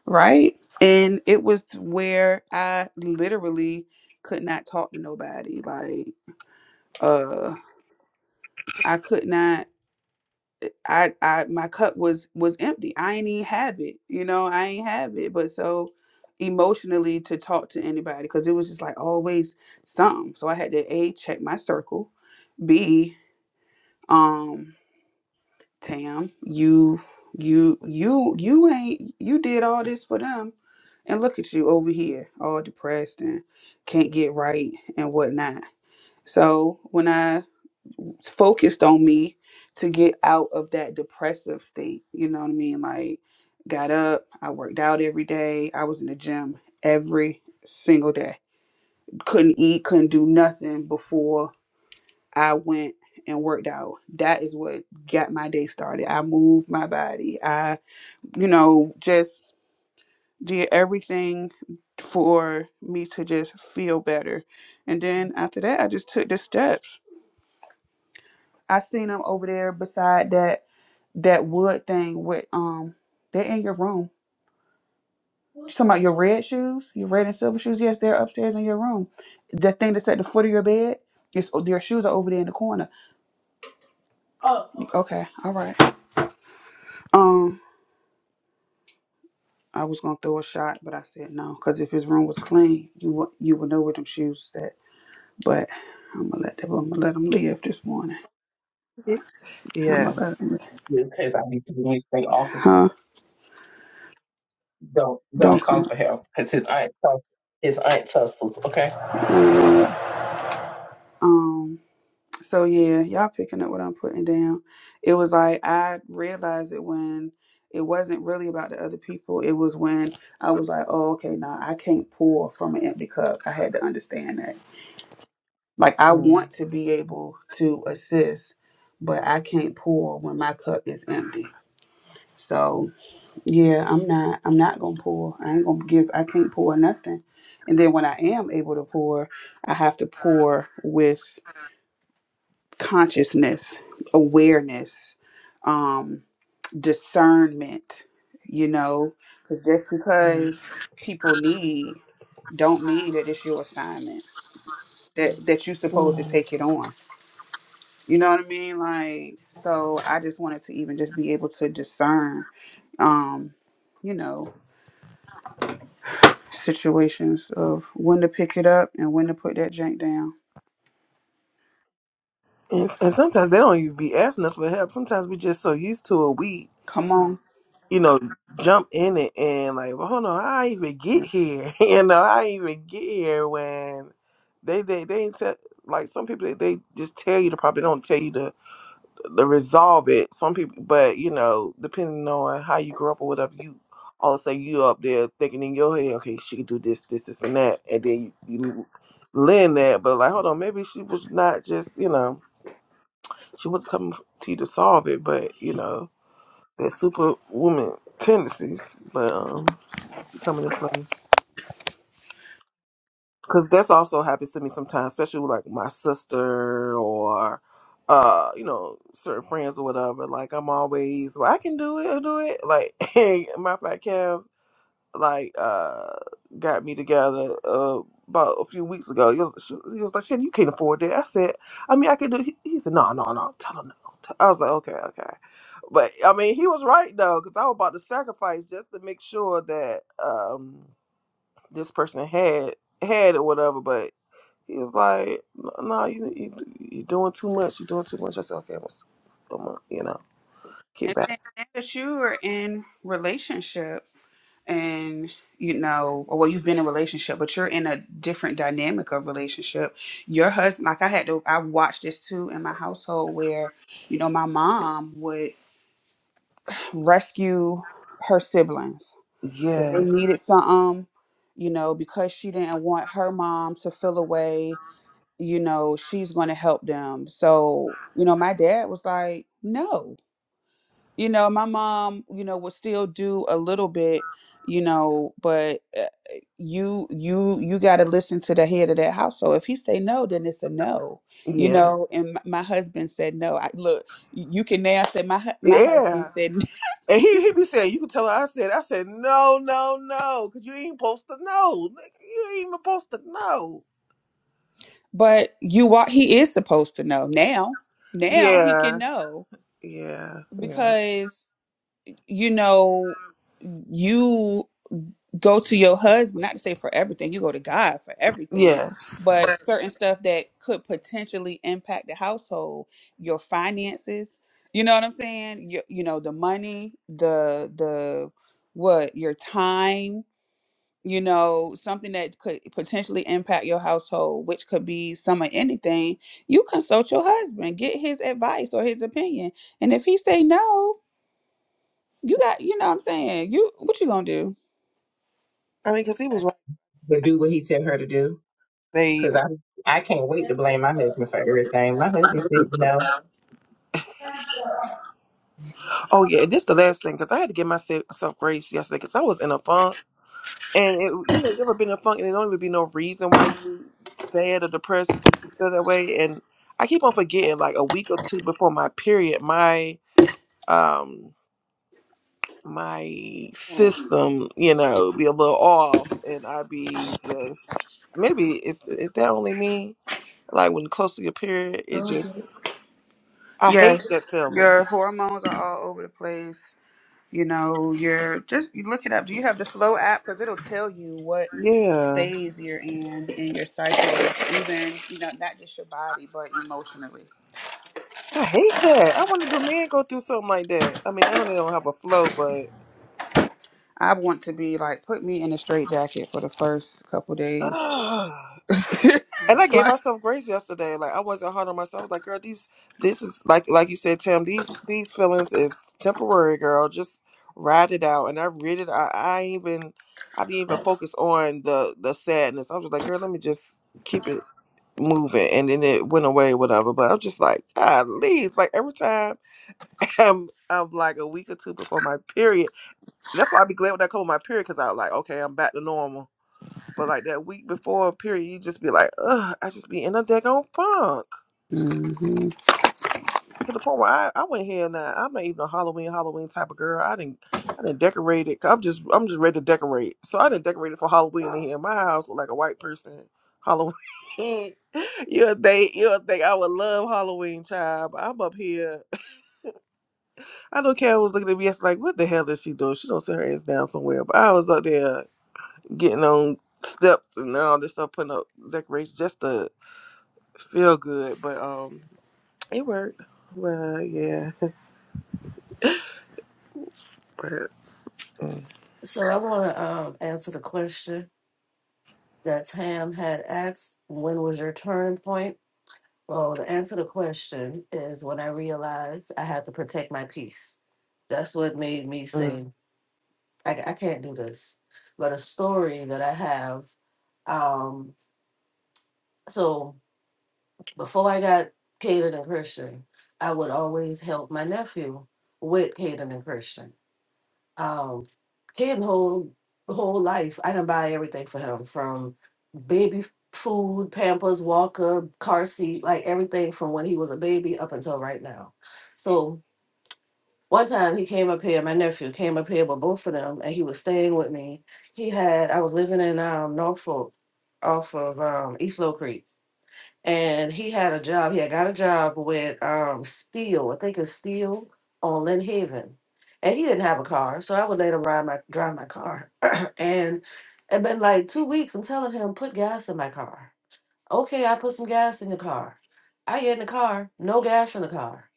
Speaker 1: right? And it was where I literally could not talk to nobody. Like, uh, I could not. I I my cup was was empty. I ain't even have it. You know, I ain't have it. But so emotionally to talk to anybody because it was just like always something. So I had to A check my circle. B um Tam, you you you you ain't you did all this for them. And look at you over here, all depressed and can't get right and whatnot. So when I focused on me to get out of that depressive state. You know what I mean? Like, got up, I worked out every day, I was in the gym every single day. Couldn't eat, couldn't do nothing before I went and worked out. That is what got my day started. I moved my body, I, you know, just did everything for me to just feel better. And then after that, I just took the steps I seen them over there beside that that wood thing with um they're in your room. You talking about your red shoes, your red and silver shoes? Yes, they're upstairs in your room. The thing that's at the foot of your bed, it's their shoes are over there in the corner. Oh, okay. Okay, all right. Um, I was gonna throw a shot, but I said no, cause if his room was clean, you would you would know where them shoes is at. But I'm gonna let them. I'm gonna let them live this morning. I'm gonna let them
Speaker 2: Yes.
Speaker 1: live.
Speaker 3: because I need to release thing off of him.
Speaker 1: Huh?
Speaker 3: Don't
Speaker 1: Don't
Speaker 3: don't come
Speaker 1: come.
Speaker 3: for him because his aunt tus- his aunt tussles. Okay,
Speaker 1: Um. So yeah, y'all picking up what I'm putting down. It was like I realized it when it wasn't really about the other people. It was when I was like, oh, okay, now I can't pour from an empty cup. I had to understand that. Like I
Speaker 2: Mm.
Speaker 1: want to be able to assist, but I can't pour when my cup is empty. So yeah, I'm not I'm not gonna pour. I ain't gonna give I can't pour nothing. And then when I am able to pour, I have to pour with consciousness, awareness, um, discernment, you know, because just because people need don't mean that it's your assignment that that you're supposed to
Speaker 2: Mm.
Speaker 1: take it on. You know what I mean? Like, so I just wanted to even just be able to discern, um, you know, situations of when to pick it up and when to put that jank down.
Speaker 2: And, and sometimes they don't even be asking us for help. Sometimes we just so used to it, we,
Speaker 1: Come on.
Speaker 2: you know, jump in it and like, well, hold on, I even get here. (laughs) you know, I even get here when they they they ain't tell like some people they, they just tell you the problem. They don't tell you to, to resolve it. Some people, but you know, depending on how you grew up or whatever, you all of a sudden you up there thinking in your head, okay, she can do this, this, this, and that, and then you, you lend that, but like, hold on, maybe she was not just you know. She was coming to you to solve it, but you know that superwoman tendencies, but um, coming to play because that's also happens to me sometimes, especially with like my sister or uh, you know, certain friends or whatever. Like I'm always, well, I can do it, I'll do it. Like, (laughs) hey, matter of fact, Kev. like uh got me together uh about a few weeks ago. He was, she- he was like, "Shit, you can't afford that." I said, "I mean, I can do." He, he said, "No, no, no, tell him no." Tell-" I was like, "Okay, okay," but I mean, he was right though, because I was about to sacrifice just to make sure that um this person had had or whatever. But he was like, "No, no, you, you you're doing too much. You're doing too much." I said, "Okay, I'm gonna, s- I'm gonna you know, get
Speaker 1: And
Speaker 2: back."
Speaker 1: then now that you're in relationship. and you know or well you've been in a relationship but you're in a different dynamic of relationship your husband like i had to i watched this too in my household where you know my mom would rescue her siblings if they
Speaker 2: Yes.
Speaker 1: needed something you know because she didn't want her mom to feel away you know she's going to help them so you know my dad was like no you know my mom you know would still do a little bit you know but uh, you you you got to listen to the head of that household if he say no then it's a no you Mhm.
Speaker 2: Yeah.
Speaker 1: know and m- my husband said no I, look y- you can now say my hu- my husband
Speaker 2: Yeah.
Speaker 1: said
Speaker 2: And
Speaker 1: no.
Speaker 2: he
Speaker 1: (laughs)
Speaker 2: he be saying, "You can tell her." I said, "I said no, no, no, because you ain't supposed to know. Nigga, You ain't supposed to know."
Speaker 1: but you are he is supposed to know now now he can
Speaker 2: Yeah,
Speaker 1: know
Speaker 2: yeah, yeah,
Speaker 1: because you know you go to your husband, not to say for everything, you go to God for everything,
Speaker 2: yes.
Speaker 1: but certain stuff that could potentially impact the household, your finances, you know what I'm saying? You, you know, the money, the the what, your time, you know, something that could potentially impact your household, which could be some or anything, you consult your husband, get his advice or his opinion. And if he say no, you got, you know what I'm saying? You what you going to do?
Speaker 2: I mean, because he was right.
Speaker 3: but do what he tell her to do
Speaker 2: They.
Speaker 3: because I I can't wait to blame my husband for everything. My husband said no.
Speaker 2: Oh yeah, and this the last thing because I had to give myself some grace yesterday because I was in a funk, and it, you know, you ever been in a funk and there don't even be no reason why you sad or depressed, you just feel that way. And I keep on forgetting, like a week or two before my period, my um. my system, you know, be a little off, and I be just maybe is is that only me? Like when close to your period, it just I hate
Speaker 1: Yes,
Speaker 2: that feeling.
Speaker 1: your hormones are all over the place. You know, you're just you look it up. Do you have the Flow app? Because it'll tell you what
Speaker 2: Yeah,
Speaker 1: phase you're in in your cycle, even you know, not just your body, but emotionally.
Speaker 2: I hate that. I wonder do men go through something like that? I mean, I know they don't have a flow, but.
Speaker 1: I want to be like, put me in a straight jacket for the first couple days.
Speaker 2: (sighs)
Speaker 1: (laughs)
Speaker 2: And I gave
Speaker 1: like,
Speaker 2: myself grace yesterday. Like I wasn't hard on myself. I was like, girl, these this is like like you said, Tim, these these feelings is temporary, girl. Just ride it out. And I read it I, I ain't even I didn't even focus on the the sadness. I was like, girl, let me just keep it moving and then it went away, whatever. But I was just like, God leave. Like every time (laughs) I'm I'm like a week or two before my period. And That's why I'd be glad when I come with my period because I was like, okay, I'm back to normal. But like that week before period, you just be like, ugh, I just be in a daggone funk.
Speaker 1: Mhm.
Speaker 2: To the point where I, I went here now. I'm not even a Halloween Halloween type of girl. I didn't I didn't decorate it. 'cause I'm just I'm just ready to decorate. So I didn't decorate it for Halloween in here. My house look like a white person Halloween. (laughs) you'll think you'll think I would love Halloween, child. But I'm up here. I know Karen was looking at me yesterday like, what the hell is she doing? She don't sit her ass down somewhere. But I was up there getting on steps and all this stuff, putting up decorations just to feel good, but um, it worked. Well, yeah, but mm,
Speaker 4: So I want to um, answer the question that Tam had asked, when was your turn point? Well, the answer to the question is when I realized I had to protect my peace. That's what made me
Speaker 2: mm.
Speaker 4: say, I, I can't do this. But a story that I have, um, so before I got Caden and Christian, I would always help my nephew with Caden and Christian. Um, kid whole whole life, I didn't buy everything for him from baby food, Pampers, Walker, car seat, like everything from when he was a baby up until right now. So one time he came up here, my nephew came up here with both of them, and he was staying with me. He had I was living in um Norfolk off of um East Low Creek and he had a job. He had got a job with um Steel, I think it's Steel on Lynn Haven. And he didn't have a car, so I would let him ride my drive my car. (clears throat) and it been like two weeks. I'm telling him, put gas in my car. Okay, I put some gas in the car. I get in the car, no gas in the car.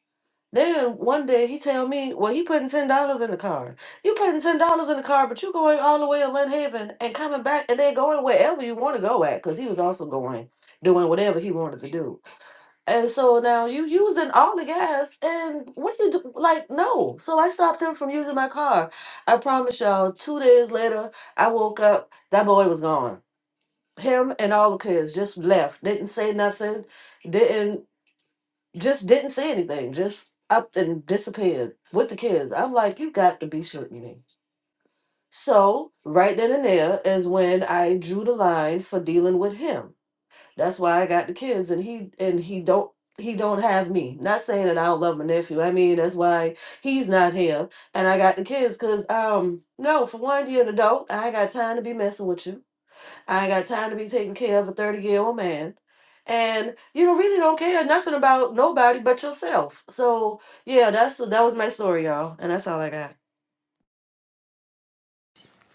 Speaker 4: Then one day he tell me, well, he putting ten dollars in the car. You putting ten dollars in the car, but you going all the way to Lynn Haven and coming back and then going wherever you want to go at, because he was also going doing whatever he wanted to do. And so now you using all the gas, and what do you do? Like, no. So I stopped him from using my car. I promise y'all, two days later, I woke up, that boy was gone. Him and all the kids just left, didn't say nothing, didn't, just didn't say anything, just up and disappeared with the kids. I'm like, you got to be shooting me. So right then and there is when I drew the line for dealing with him. That's why I got the kids and he and he don't he don't have me. Not saying that I don't love my nephew. I mean that's why he's not here and I got the kids cuz um no, for one you're an adult. I ain't got time to be messing with you. I ain't got time to be taking care of a 30-year-old man. And you don't really don't care nothing about nobody but yourself. So, yeah, that's that was my story, y'all, and that's all I got.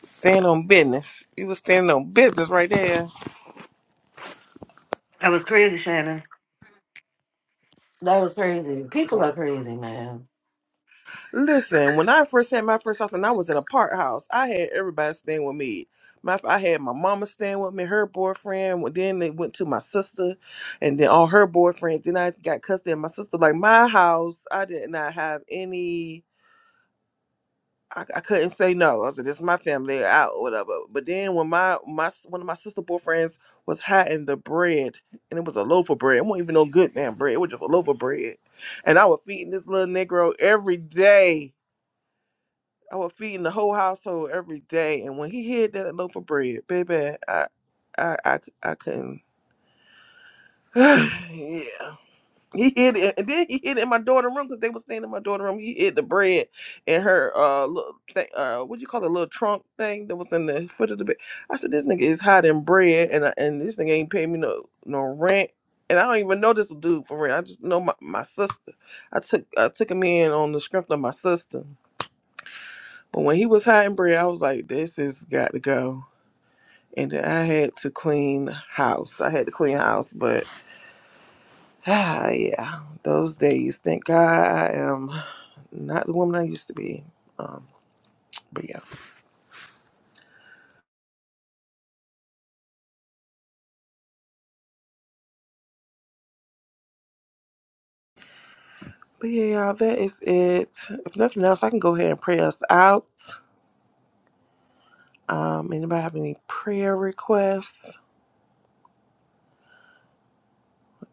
Speaker 2: stand on business. You was standing on business right there.
Speaker 4: That was crazy, Shannon. That was crazy. People are crazy, man.
Speaker 2: Listen, when I first had my first house, and I was in a park house, I had everybody staying with me. My, I had my mama staying with me, her boyfriend. well, Then they went to my sister, and then all her boyfriends. Then I got custody of my sister. Like my house, I did not have any. I, I couldn't say no. I said, "This is my family out, or whatever." But then when my my s- one of my sister boyfriends was hiding the bread, and it was a loaf of bread. It wasn't even no good damn bread. It was just a loaf of bread, and I was feeding this little negro every day. I was feeding the whole household every day, and when he hid that loaf of bread, baby, I, I, I I, c- I couldn't. (sighs) yeah. He hid it, and then he hid it in my daughter room because they was staying in my daughter room. He hid the bread in her uh little thing, uh what do you call it, little trunk thing that was in the foot of the bed. I said, this nigga is hiding bread, and I, and this nigga ain't paying me no no rent, and I don't even know this dude for rent. I just know my, my sister. I took I took him in on the strength of my sister, but when he was hiding bread, I was like, this has got to go. And then I had to clean house. I had to clean house, but. (sighs) Ah, yeah, those days. Thank God I am not the woman I used to be. Um, but yeah, but yeah, y'all, that is it. If nothing else, I can go ahead and pray us out. Um, anybody have any prayer requests?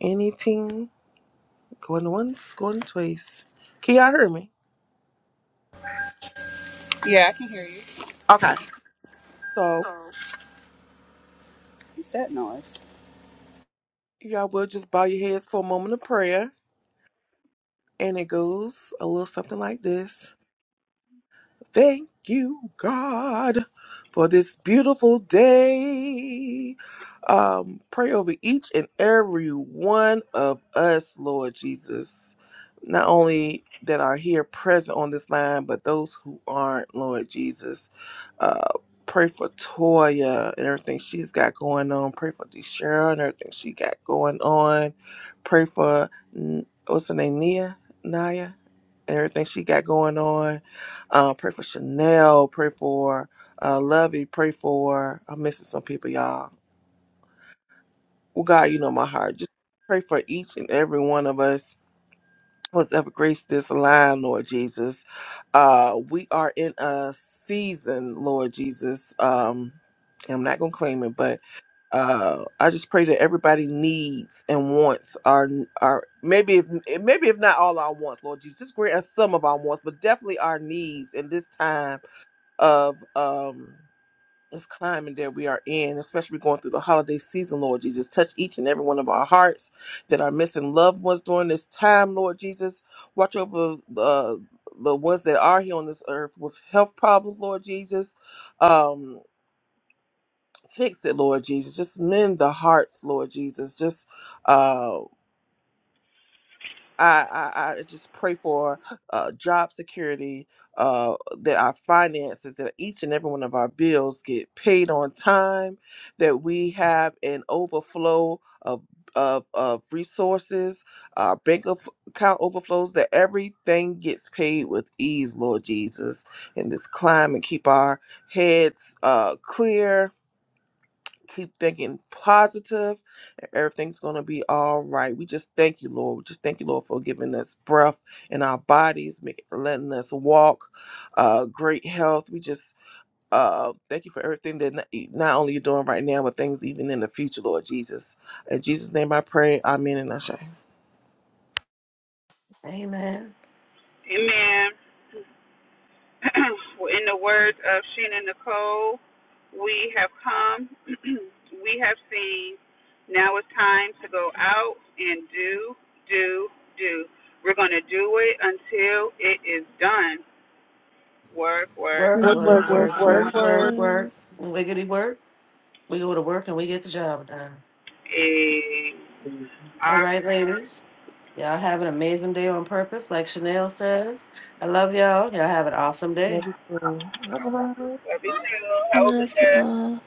Speaker 2: Anything? Going once, going twice. Can y'all hear me?
Speaker 1: yeah, I can hear you.
Speaker 2: Okay, so
Speaker 1: What's that noise?
Speaker 2: y'all will just bow your heads for a moment of prayer, and it goes a little something like this. Thank you, God, for this beautiful day. Um, pray over each and every one of us, Lord Jesus. Not only that are here present on this line, but those who aren't, Lord Jesus. Uh, pray for Toya and everything she's got going on. Pray for DeShera and everything she got going on. Pray for, mm, what's her name, Nia? Naya? and everything she got going on. Uh, pray for Chanel. Pray for uh, Lovey. Pray for I'm missing some people, y'all. Well, God, you know my heart. Just pray for each and every one of us. What's ever grace this line, Lord Jesus? Uh, we are in a season, Lord Jesus. Um, I'm not gonna claim it, but uh, I just pray that everybody needs and wants our our maybe if maybe if not all our wants, Lord Jesus, just grant us some of our wants, but definitely our needs in this time of um this climate that we are in, especially going through the holiday season, Lord Jesus. Touch each and every one of our hearts that are missing loved ones during this time, Lord Jesus. Watch over the the ones that are here on this earth with health problems, Lord Jesus. Um fix it, Lord Jesus. Just mend the hearts, Lord Jesus. Just uh, I, I I just pray for uh, job security, uh, that our finances, that each and every one of our bills get paid on time, that we have an overflow of of, of resources, our bank of account overflows, that everything gets paid with ease, Lord Jesus, in this climate. Keep our heads uh, clear, keep thinking positive and everything's going to be all right we just thank you lord we just thank you lord for giving us breath in our bodies make, letting us walk uh great health we just uh thank you for everything that not not only you're doing right now but things even in the future lord jesus in jesus name i pray amen and i
Speaker 4: Amen.
Speaker 1: Amen. (clears throat) in the words of Sheena Nicole, we have come, (clears throat) we have seen. Now it's time to go out and do, do, do. We're going to do it until it is done. Work, work.
Speaker 4: Work, work,
Speaker 2: work
Speaker 5: Work,
Speaker 4: work,
Speaker 2: work
Speaker 5: work, work.
Speaker 2: work
Speaker 4: work, work,
Speaker 2: work
Speaker 5: quick.
Speaker 4: work. Wiggity work. We go to work and we get the job done. All right, ladies. Y'all have an amazing day on purpose, like Chanel says. I love y'all. Y'all have an awesome day.
Speaker 2: Love you, too. Bye-bye. Bye-bye.
Speaker 5: Love
Speaker 1: yeah.
Speaker 5: y'all.